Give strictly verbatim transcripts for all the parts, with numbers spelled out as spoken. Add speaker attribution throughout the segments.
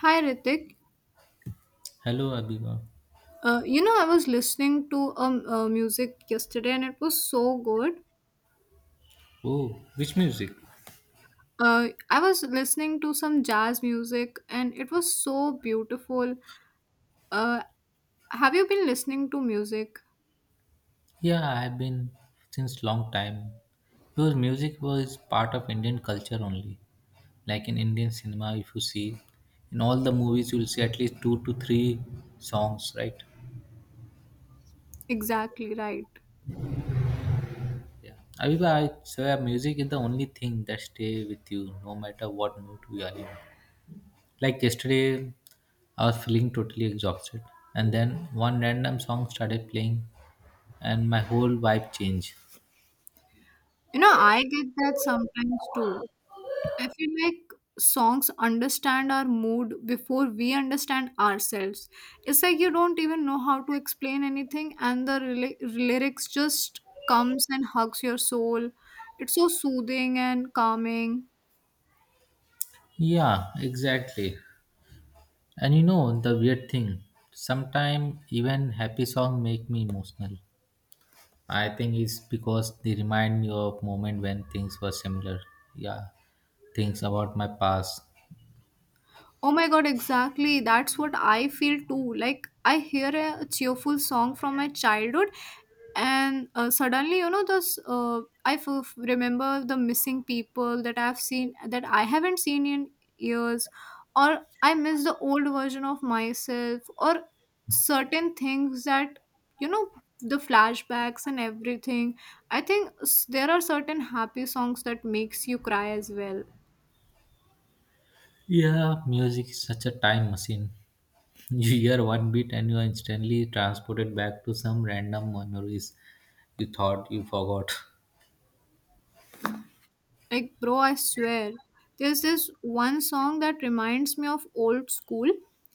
Speaker 1: Hi Ritik.
Speaker 2: Hello, Abiba.
Speaker 1: Uh, you know, I was listening to um uh, music yesterday, and it was so good.
Speaker 2: Oh, which music?
Speaker 1: Uh, I was listening to some jazz music, and it was so beautiful. Uh, have you been listening to music?
Speaker 2: Yeah, I have been since long time. Because music was part of Indian culture only. Like in Indian cinema, if you see, in all the movies, you will see at least two to three songs, right?
Speaker 1: Exactly right.
Speaker 2: Yeah. Abiba, I swear, music is the only thing that stay with you, no matter what mood we are in. Like yesterday, I was feeling totally exhausted, and then one random song started playing, and my whole vibe changed.
Speaker 1: You know, I get that sometimes too. I feel like songs understand our mood before we understand ourselves. It's like you don't even know how to explain anything, and the rela- lyrics just comes and hugs your soul. It's so soothing and calming.
Speaker 2: Yeah, exactly. And you know the weird thing, sometimes even happy song make me emotional. I think it's because they remind me of moment when things were similar. Yeah, things about my past.
Speaker 1: Oh my god, exactly. That's what I feel too. Like, I hear a cheerful song from my childhood, and uh, suddenly, you know, this, uh, I f- remember the missing people that I've seen, that I haven't seen in years, or I miss the old version of myself, or certain things that, you know, the flashbacks and everything. I think s- there are certain happy songs that makes you cry as well.
Speaker 2: Yeah, music is such a time machine. You hear one beat and you are instantly transported back to some random memories you thought you forgot.
Speaker 1: Like, bro, I swear, there's this one song that reminds me of old school,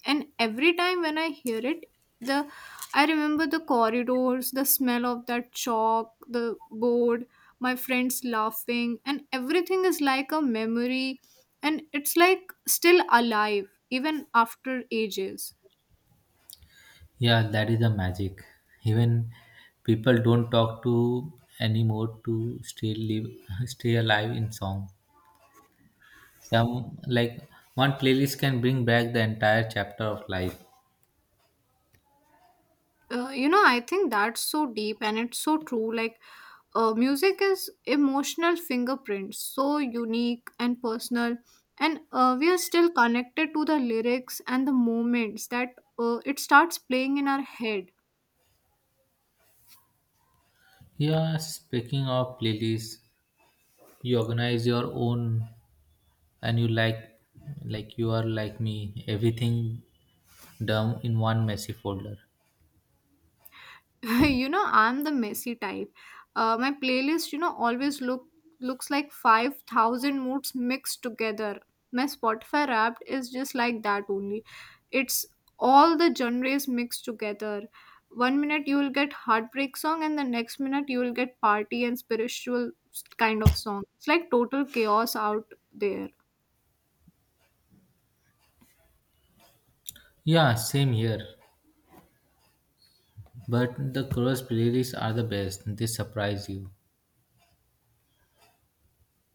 Speaker 1: and every time when I hear it, the I remember the corridors, the smell of that chalk, the board, my friends laughing, and everything is like a memory, and it's like still alive even after ages.
Speaker 2: Yeah, that is the magic. Even people don't talk to anymore to still live, stay alive in song. Some like one playlist can bring back the entire chapter of life.
Speaker 1: Uh, you know, I think that's so deep and it's so true. Like, uh, music is emotional fingerprints, so unique and personal, and uh, we are still connected to the lyrics and the moments that uh, it starts playing in our head.
Speaker 2: Yeah, speaking of playlists, you organize your own, and you like, like you are like me, everything dumb in one messy folder.
Speaker 1: You know, I'm the messy type. Uh, my playlist, you know, always look looks like five thousand moods mixed together. My Spotify wrapped is just like that only. It's all the genres mixed together. One minute you will get heartbreak song, and the next minute you will get party and spiritual kind of song. It's like total chaos out there.
Speaker 2: Yeah, same here. But the cross playlists are the best. They surprise you.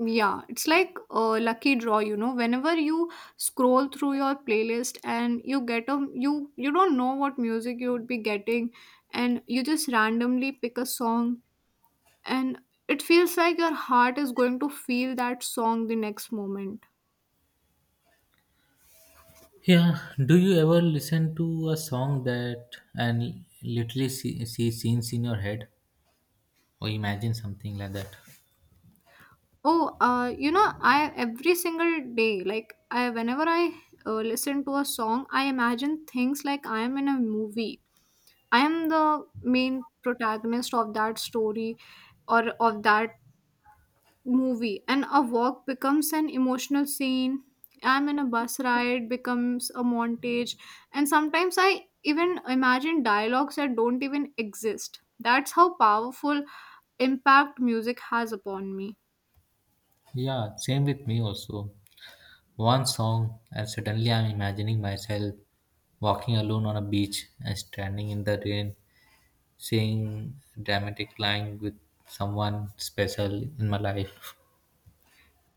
Speaker 1: Yeah, it's like a lucky draw, you know. Whenever you scroll through your playlist and you get a you you don't know what music you would be getting, and you just randomly pick a song, and it feels like your heart is going to feel that song the next moment.
Speaker 2: Yeah, do you ever listen to a song that and literally see, see scenes in your head or imagine something like that?
Speaker 1: Oh, uh, you know, I every single day, like I whenever I uh, listen to a song, I imagine things like I am in a movie. I am the main protagonist of that story or of that movie, and a walk becomes an emotional scene. I'm in a bus ride, becomes a montage. And sometimes I even imagine dialogues that don't even exist. That's how powerful impact music has upon me.
Speaker 2: Yeah, same with me also. One song, and suddenly I'm imagining myself walking alone on a beach and standing in the rain, saying dramatic line with someone special in my life.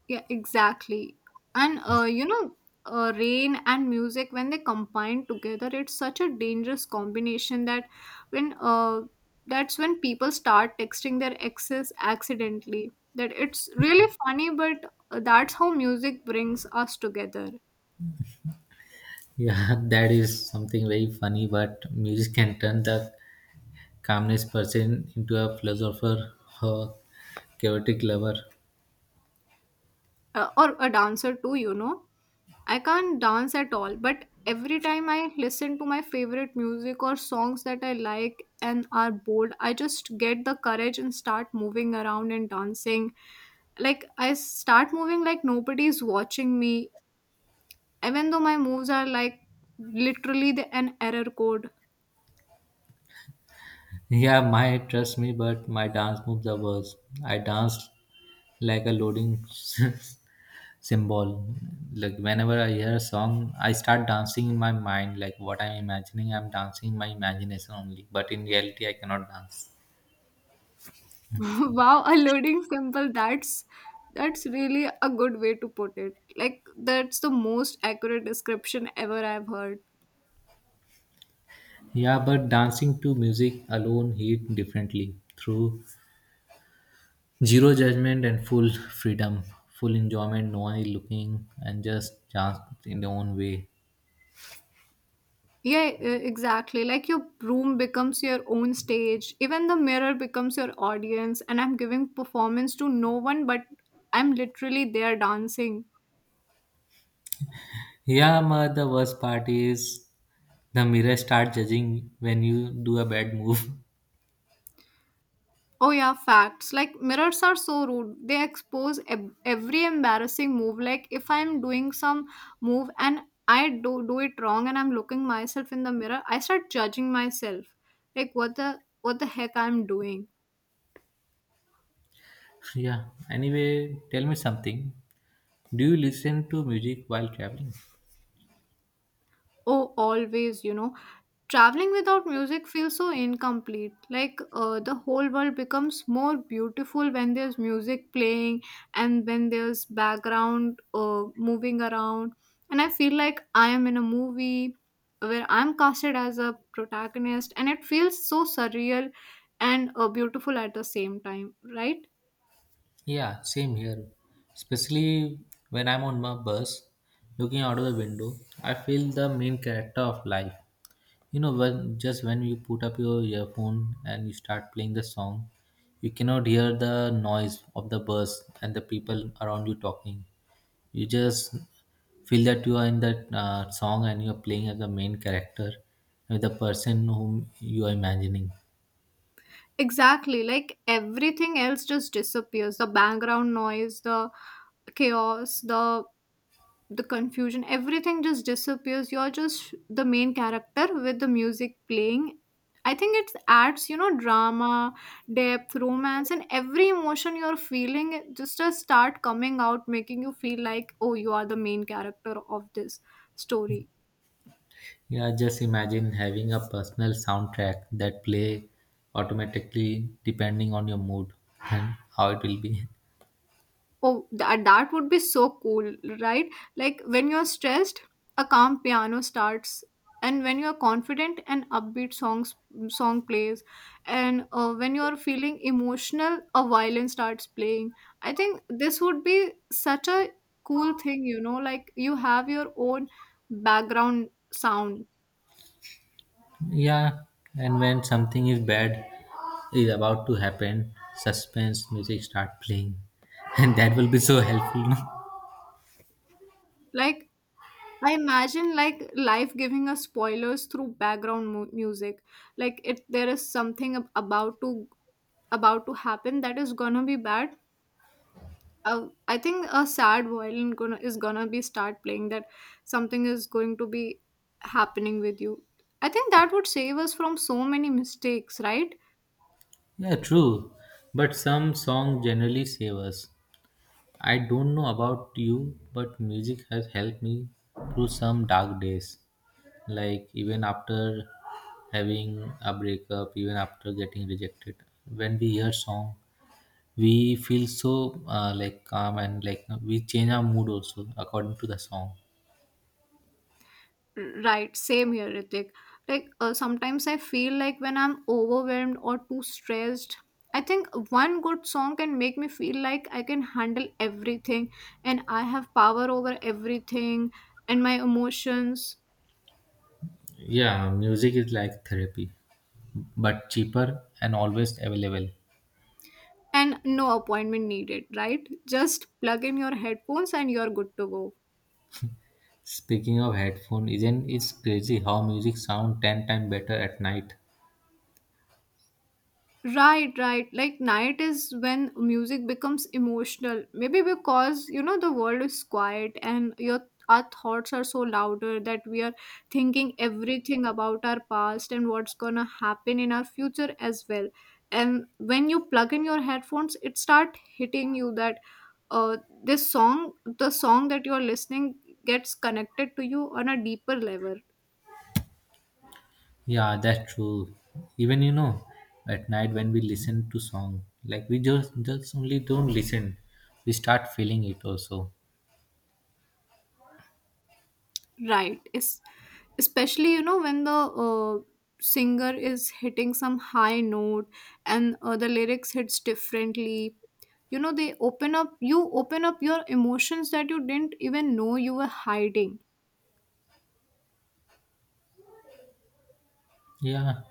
Speaker 1: Yeah, exactly. And uh, you know, uh, rain and music when they combine together, it's such a dangerous combination that when uh, that's when people start texting their exes accidentally. That it's really funny, but uh, that's how music brings us together.
Speaker 2: Yeah, that is something very funny, but music can turn the calmness person into a philosopher or chaotic lover.
Speaker 1: Uh, or a dancer too, you know. I can't dance at all, but every time I listen to my favorite music or songs that I like and are bored, I just get the courage and start moving around and dancing. Like, I start moving like nobody's watching me, even though my moves are like literally the, an error code.
Speaker 2: Yeah, my trust me, but my dance moves are worse. I danced like a loading symbol. Like whenever I hear a song, I start dancing in my mind. Like what I'm imagining, I'm dancing in my imagination only. But in reality, I cannot dance.
Speaker 1: Wow, a loading symbol, that's. That's really a good way to put it. Like, that's the most accurate description ever I've heard.
Speaker 2: Yeah, but dancing to music alone hit differently through zero judgment and full freedom, full enjoyment, no one is looking, and just chance in their own way.
Speaker 1: Yeah, e- exactly. Like your room becomes your own stage. Even the mirror becomes your audience. And I'm giving performance to no one, but I'm literally there dancing.
Speaker 2: Yeah, but the worst part is the mirror start judging when you do a bad move.
Speaker 1: Oh, yeah, facts. Like mirrors are so rude. They expose ev- every embarrassing move. Like if I'm doing some move and I do, do it wrong and I'm looking myself in the mirror, I start judging myself. Like what the what the heck I'm doing.
Speaker 2: Yeah, anyway, tell me something. Do you listen to music while traveling?
Speaker 1: Oh, always, you know. Traveling without music feels so incomplete. Like uh, the whole world becomes more beautiful when there's music playing and when there's background uh, moving around. And I feel like I am in a movie where I'm casted as a protagonist, and it feels so surreal and uh, beautiful at the same time, right?
Speaker 2: Yeah, same here. Especially when I'm on my bus, looking out of the window, I feel the main character of life. You know, when just when you put up your earphone and you start playing the song, you cannot hear the noise of the bus and the people around you talking. You just feel that you are in that uh, song and you are playing as the main character with the person whom you are imagining.
Speaker 1: Exactly. Like everything else just disappears: the background noise, the chaos, the the confusion, everything just disappears. You're just the main character with the music playing. I think it adds, you know, drama, depth, romance, and every emotion you're feeling, it just just start coming out, making you feel like, oh, you are the main character of this story.
Speaker 2: Yeah, just imagine having a personal soundtrack that play automatically depending on your mood and how it will be.
Speaker 1: Oh, that that would be so cool, right? Like when you're stressed, a calm piano starts, and when you're confident, an upbeat songs song plays, and uh, when you're feeling emotional, a violin starts playing. I think this would be such a cool thing, you know, like you have your own background sound.
Speaker 2: Yeah, and when something is bad is about to happen, suspense music start playing, and that will be so helpful, no?
Speaker 1: Like I imagine like life giving us spoilers through background mu- music. Like it there is something ab- about to about to happen that is gonna be bad. uh, I think a sad violin gonna is gonna be start playing that something is going to be happening with you. I think that would save us from so many mistakes, right?
Speaker 2: Yeah, true. But some song generally save us. I don't know about you, but music has helped me through some dark days. Like even after having a breakup, even after getting rejected, when we hear song, we feel so uh, like calm and like we change our mood also according to the song.
Speaker 1: Right, same here, Ritik. Like, uh, sometimes I feel like when I'm overwhelmed or too stressed, I think one good song can make me feel like I can handle everything, and I have power over everything and my emotions.
Speaker 2: Yeah, music is like therapy, but cheaper and always available.
Speaker 1: And no appointment needed, right? Just plug in your headphones and you're good to go.
Speaker 2: Speaking of headphone, isn't it crazy how music sound ten times better at night?
Speaker 1: Right, right. Like night is when music becomes emotional. Maybe because, you know, the world is quiet and your our thoughts are so louder that we are thinking everything about our past and what's gonna happen in our future as well. And when you plug in your headphones, it start hitting you that uh this song, the song that you're listening gets connected to you on a deeper level.
Speaker 2: Yeah, that's true. Even you know, at night when we listen to song, like we just just only don't listen, we start feeling it also.
Speaker 1: Right. It's especially, you know, when the uh, singer is hitting some high note, and uh, the lyrics hits differently. You know they open up you open up your emotions that you didn't even know you were hiding.
Speaker 2: Yeah,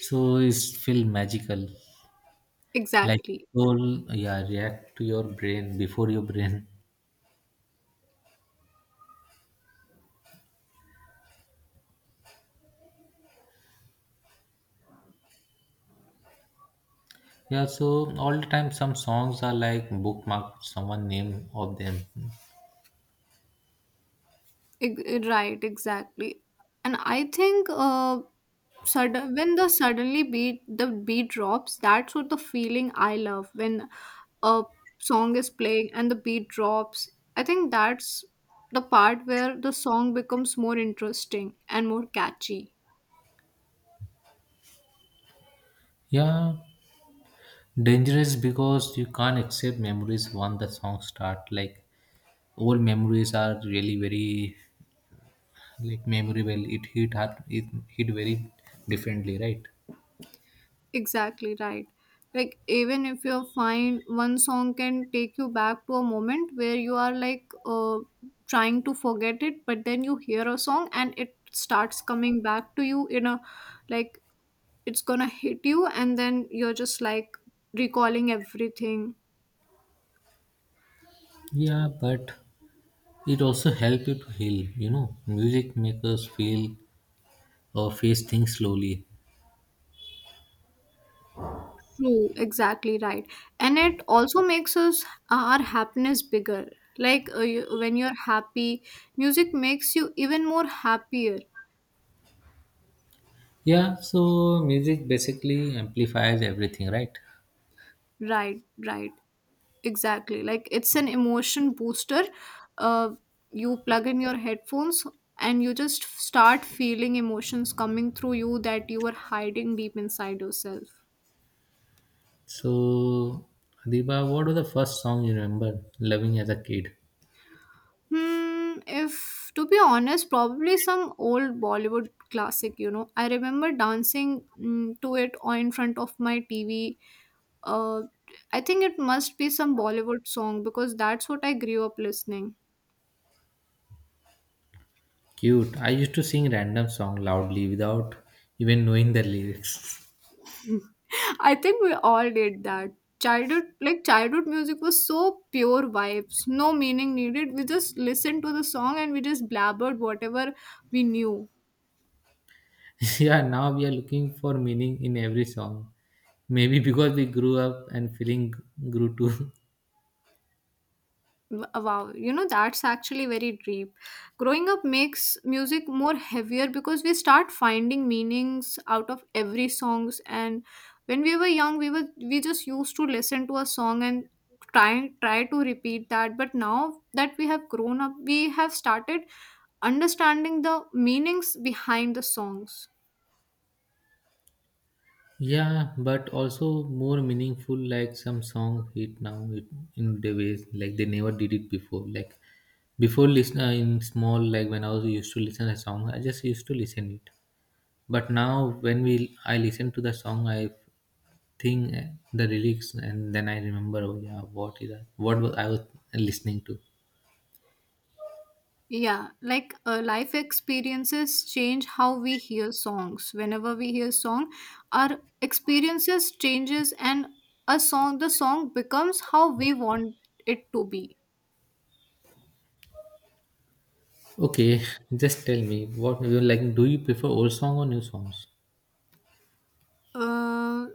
Speaker 2: so it's feel magical. Like it
Speaker 1: Exactly.
Speaker 2: will yeah react to your brain before your brain. Yeah, so all the time some songs are like bookmarked someone name of them.
Speaker 1: Ex- Right, exactly. And I think uh, sudden when the suddenly beat the beat drops, that's what the feeling I love when a song is playing and the beat drops. I think that's the part where the song becomes more interesting and more catchy.
Speaker 2: Yeah, dangerous because you can't accept memories once the song start. Like old memories are really very like memorable. It hit hard. It hit very differently, right?
Speaker 1: Exactly right. Like even if you are fine, one song can take you back to a moment where you are like uh, trying to forget it, but then you hear a song and it starts coming back to you in a like it's gonna hit you, and then you're just like recalling everything.
Speaker 2: Yeah, but it also help you to heal. You know, music makes us feel or face things slowly.
Speaker 1: True, exactly right. And it also makes us our happiness bigger. Like uh, you, when you're happy, music makes you even more happier.
Speaker 2: Yeah, so music basically amplifies everything, right?
Speaker 1: Right, right. Exactly. Like it's an emotion booster. Uh, you plug in your headphones and you just start feeling emotions coming through you that you were hiding deep inside yourself.
Speaker 2: So, Adiba, what was the first song you remember loving as a kid?
Speaker 1: Hmm, if to be honest, probably some old Bollywood classic, you know. I remember dancing, mm, to it or in front of my T V. Uh, I think it must be some Bollywood song because that's what I grew up listening.
Speaker 2: Cute. I used to sing random song loudly without even knowing the lyrics.
Speaker 1: I think we all did that. Childhood, like childhood music was so pure vibes, no meaning needed. We just listened to the song and we just blabbered whatever we knew.
Speaker 2: Yeah, now we are looking for meaning in every song. Maybe because we grew up and feeling grew too.
Speaker 1: Wow, you know, that's actually very deep. Growing up makes music more heavier because we start finding meanings out of every songs. And when we were young, we were we just used to listen to a song and try try to repeat that. But now that we have grown up, we have started understanding the meanings behind the songs.
Speaker 2: Yeah, but also more meaningful. Like some song hit now it, in the ways like they never did it before. Like before, listen uh, in small like when I was used to listen a song, I just used to listen it. But now when we I listen to the song, I think uh, the lyrics, and then I remember, oh yeah, what is that? What was I was listening to?
Speaker 1: Yeah, like uh, life experiences change how we hear songs. Whenever we hear song, our experiences changes and a song the song becomes how we want it to be.
Speaker 2: Okay, just tell me what you like. Do you prefer old song or new songs?
Speaker 1: Uh,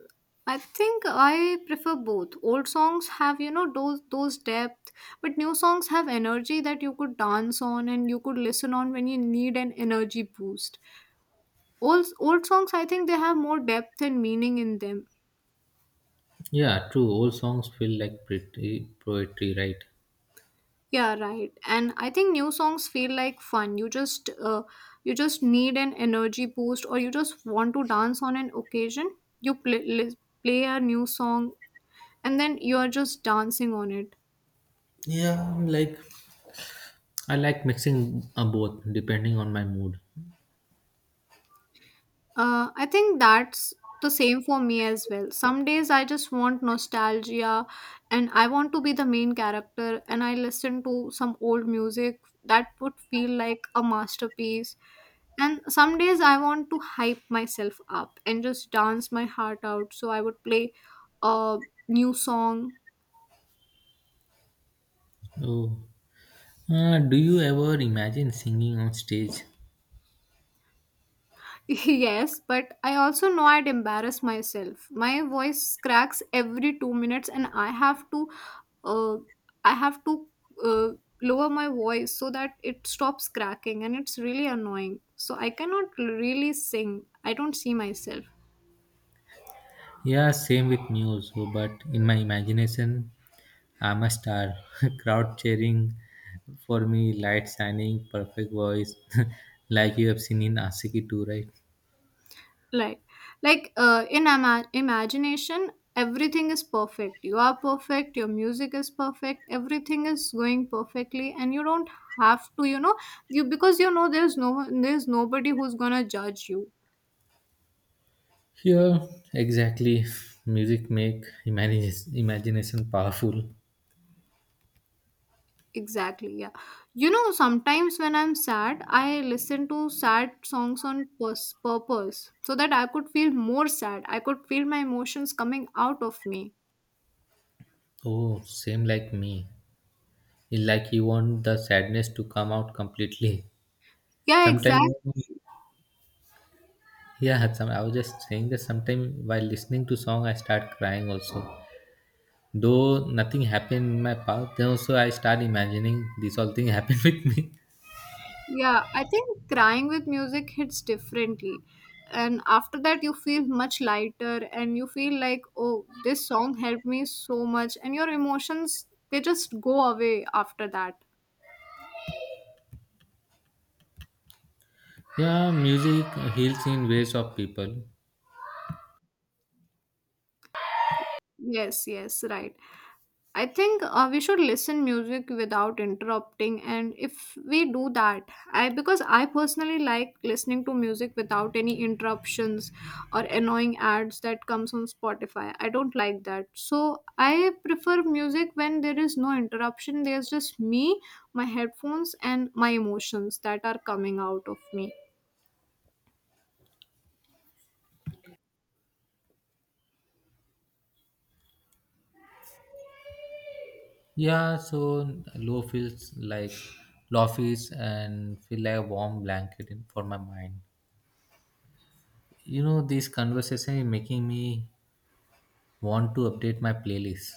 Speaker 1: I think I prefer both. Old songs have, you know, those those depth, but new songs have energy that you could dance on and you could listen on when you need an energy boost. Old, old songs, I think they have more depth and meaning in them.
Speaker 2: Yeah, true. Old songs feel like pretty poetry, right?
Speaker 1: Yeah, right. And I think new songs feel like fun. You just uh, you just need an energy boost or you just want to dance on an occasion. You play li- play a new song and then you are just dancing on it.
Speaker 2: Yeah, I'm like, I like mixing uh, both depending on my mood.
Speaker 1: Uh, I think that's the same for me as well. Some days I just want nostalgia and I want to be the main character and I listen to some old music that would feel like a masterpiece. And some days I want to hype myself up and just dance my heart out. So I would play a new song.
Speaker 2: Oh, uh, do you ever imagine singing on stage?
Speaker 1: Yes, but I also know I'd embarrass myself. My voice cracks every two minutes, and I have to, uh, I have to uh, lower my voice so that it stops cracking, and it's really annoying. So I cannot really sing. I don't see myself.
Speaker 2: Yeah, same with news, so, but in my imagination, I'm a star. Crowd cheering for me, light shining, perfect voice, like you have seen in Asiki too, right?
Speaker 1: like like uh, in ima- imagination, everything is perfect, you are perfect, your music is perfect, everything is going perfectly, and you don't have to you know you because you know there's no there's nobody who's gonna judge you.
Speaker 2: Yeah, exactly. Music make imagine- imagination powerful.
Speaker 1: Exactly, yeah. You know, sometimes when I'm sad, I listen to sad songs on pus- purpose so that I could feel more sad, I could feel my emotions coming out of me.
Speaker 2: Oh, same like me. It's like you want the sadness to come out completely.
Speaker 1: Yeah, exactly.
Speaker 2: Sometimes, yeah, some, I was just saying that sometimes while listening to song, I start crying also. Though nothing happened in my past, then also I start imagining this all thing happened with me.
Speaker 1: Yeah, I think crying with music hits differently. And after that, you feel much lighter and you feel like, oh, this song helped me so much. And your emotions, they just go away after that.
Speaker 2: Yeah, music heals in ways of people.
Speaker 1: Yes, yes, right. I think uh, we should listen music without interrupting, and if we do that, I because I personally like listening to music without any interruptions or annoying ads that comes on Spotify. I don't like that. So I prefer music when there is no interruption. There's just me, my headphones, and my emotions that are coming out of me.
Speaker 2: Yeah, so low feels like low feels and feel like a warm blanket in, for my mind. You know, this conversation is making me want to update my playlist.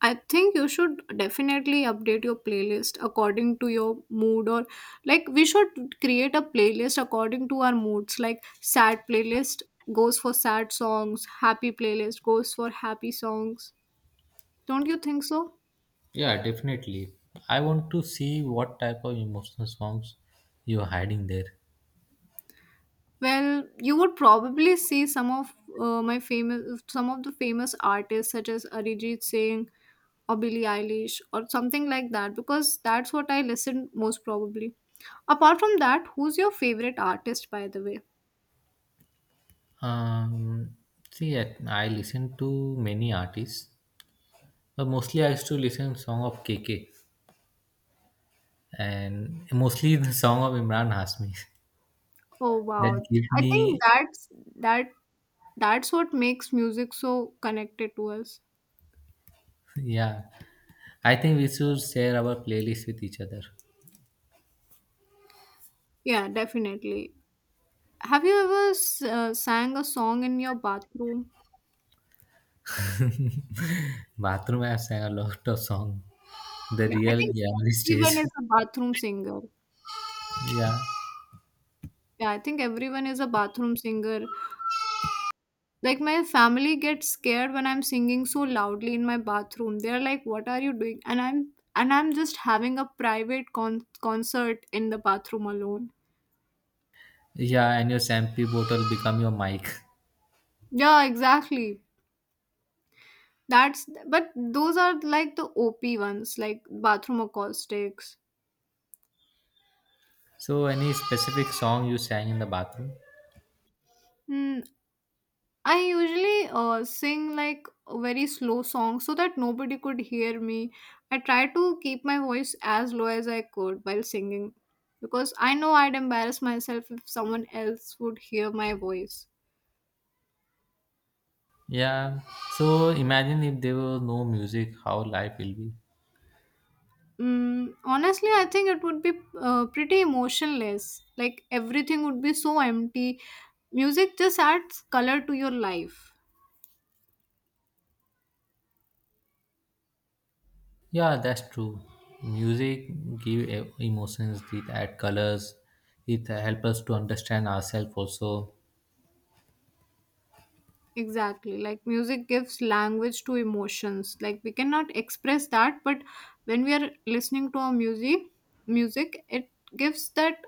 Speaker 1: I think you should definitely update your playlist according to your mood, or like we should create a playlist according to our moods, like sad playlist goes for sad songs, happy playlist goes for happy songs. Don't you think so?
Speaker 2: Yeah, definitely. I want to see what type of emotional songs you're hiding there.
Speaker 1: Well, you would probably see some of uh, my famous, some of the famous artists such as Arijit Singh or Billie Eilish or something like that, because that's what I listen most probably. Apart from that, who's your favorite artist, by the way?
Speaker 2: Um, See, I, I listen to many artists, but mostly I used to listen song of K K and mostly the song of Imran Hasmi.
Speaker 1: Oh,
Speaker 2: That
Speaker 1: wow,
Speaker 2: give
Speaker 1: I think
Speaker 2: me,
Speaker 1: that's that that's what makes music so connected to us.
Speaker 2: yeah. I think we should share our playlist with each other.
Speaker 1: Yeah, definitely. Have you ever s- uh, sang a song in your bathroom?
Speaker 2: Bathroom, I have sang a lot of song. The
Speaker 1: Yeah, I
Speaker 2: real
Speaker 1: think
Speaker 2: gallery
Speaker 1: everyone
Speaker 2: stage.
Speaker 1: is a bathroom singer.
Speaker 2: Yeah,
Speaker 1: Yeah, I think everyone is a bathroom singer. Like my family gets scared when I'm singing so loudly in my bathroom. They're like, "What are you doing?" And I'm and I'm just having a private con- concert in the bathroom alone.
Speaker 2: yeah. And your shampoo bottle become your mic.
Speaker 1: Yeah, exactly. That's but those are like the O P ones, like bathroom acoustics.
Speaker 2: So, any specific song you sang in the bathroom?
Speaker 1: Hmm, I usually uh, sing like a very slow song so that nobody could hear me. I try to keep my voice as low as I could while singing, because I know I'd embarrass myself if someone else would hear my voice.
Speaker 2: Yeah. So imagine if there was no music, how life will be.
Speaker 1: Mm, honestly, I think it would be uh, pretty emotionless. Like everything would be so empty. Music just adds color to your life.
Speaker 2: Yeah, that's true. Music give e- emotions, it add colors, it help us to understand ourselves also.
Speaker 1: Exactly. Like music gives language to emotions. Like we cannot express that, but when we are listening to our music, music it gives that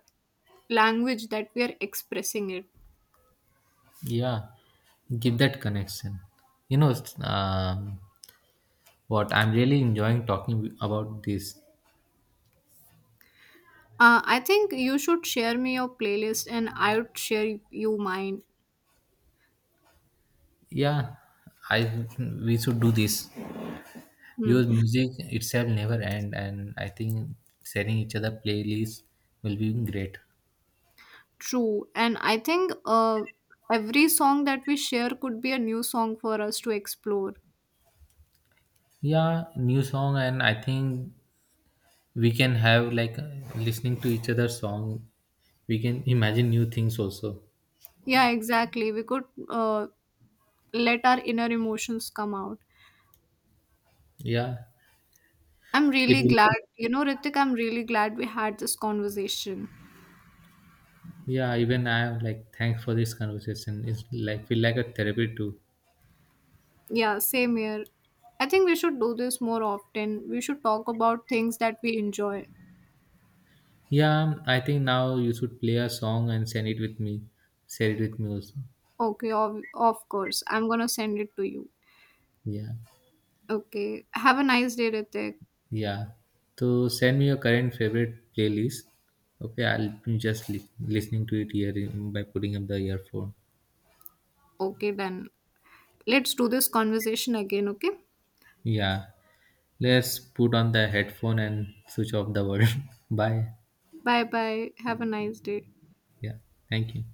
Speaker 1: language that we are expressing it.
Speaker 2: Yeah, give that connection. You know, s- um, what I'm really enjoying talking about this.
Speaker 1: Uh, I think you should share me your playlist, and I would share you mine.
Speaker 2: Yeah, I we should do this
Speaker 1: Hmm.
Speaker 2: because music itself never end, and I think sharing each other playlists will be great.
Speaker 1: True, and I think uh, every song that we share could be a new song for us to explore.
Speaker 2: Yeah, new song, and I think we can have like listening to each other's song. We can imagine new things also.
Speaker 1: Yeah, exactly. We could uh, let our inner emotions come out.
Speaker 2: Yeah,
Speaker 1: I'm
Speaker 2: it
Speaker 1: really
Speaker 2: will.
Speaker 1: glad, you know, Ritik, I'm really glad we had this conversation.
Speaker 2: Yeah, even I am like thanks for this conversation. It's like feel like a therapy too.
Speaker 1: Yeah, same here. I think we should do this more often. We should talk about things that we enjoy.
Speaker 2: Yeah, um, I think now you should play a song and send it with me. Share it with me also.
Speaker 1: Okay, of, of course. I'm gonna send it to you.
Speaker 2: Yeah,
Speaker 1: Okay. Have a nice day, Ritik.
Speaker 2: yeah. So send me your current favorite playlist. Okay, I'll be just li- listening to it here in- by putting up the earphone.
Speaker 1: Okay, then. Let's do this conversation again, okay?
Speaker 2: Yeah, let's put on the headphone and switch off the world. Bye.
Speaker 1: Bye bye. Have a nice day.
Speaker 2: Yeah, thank you.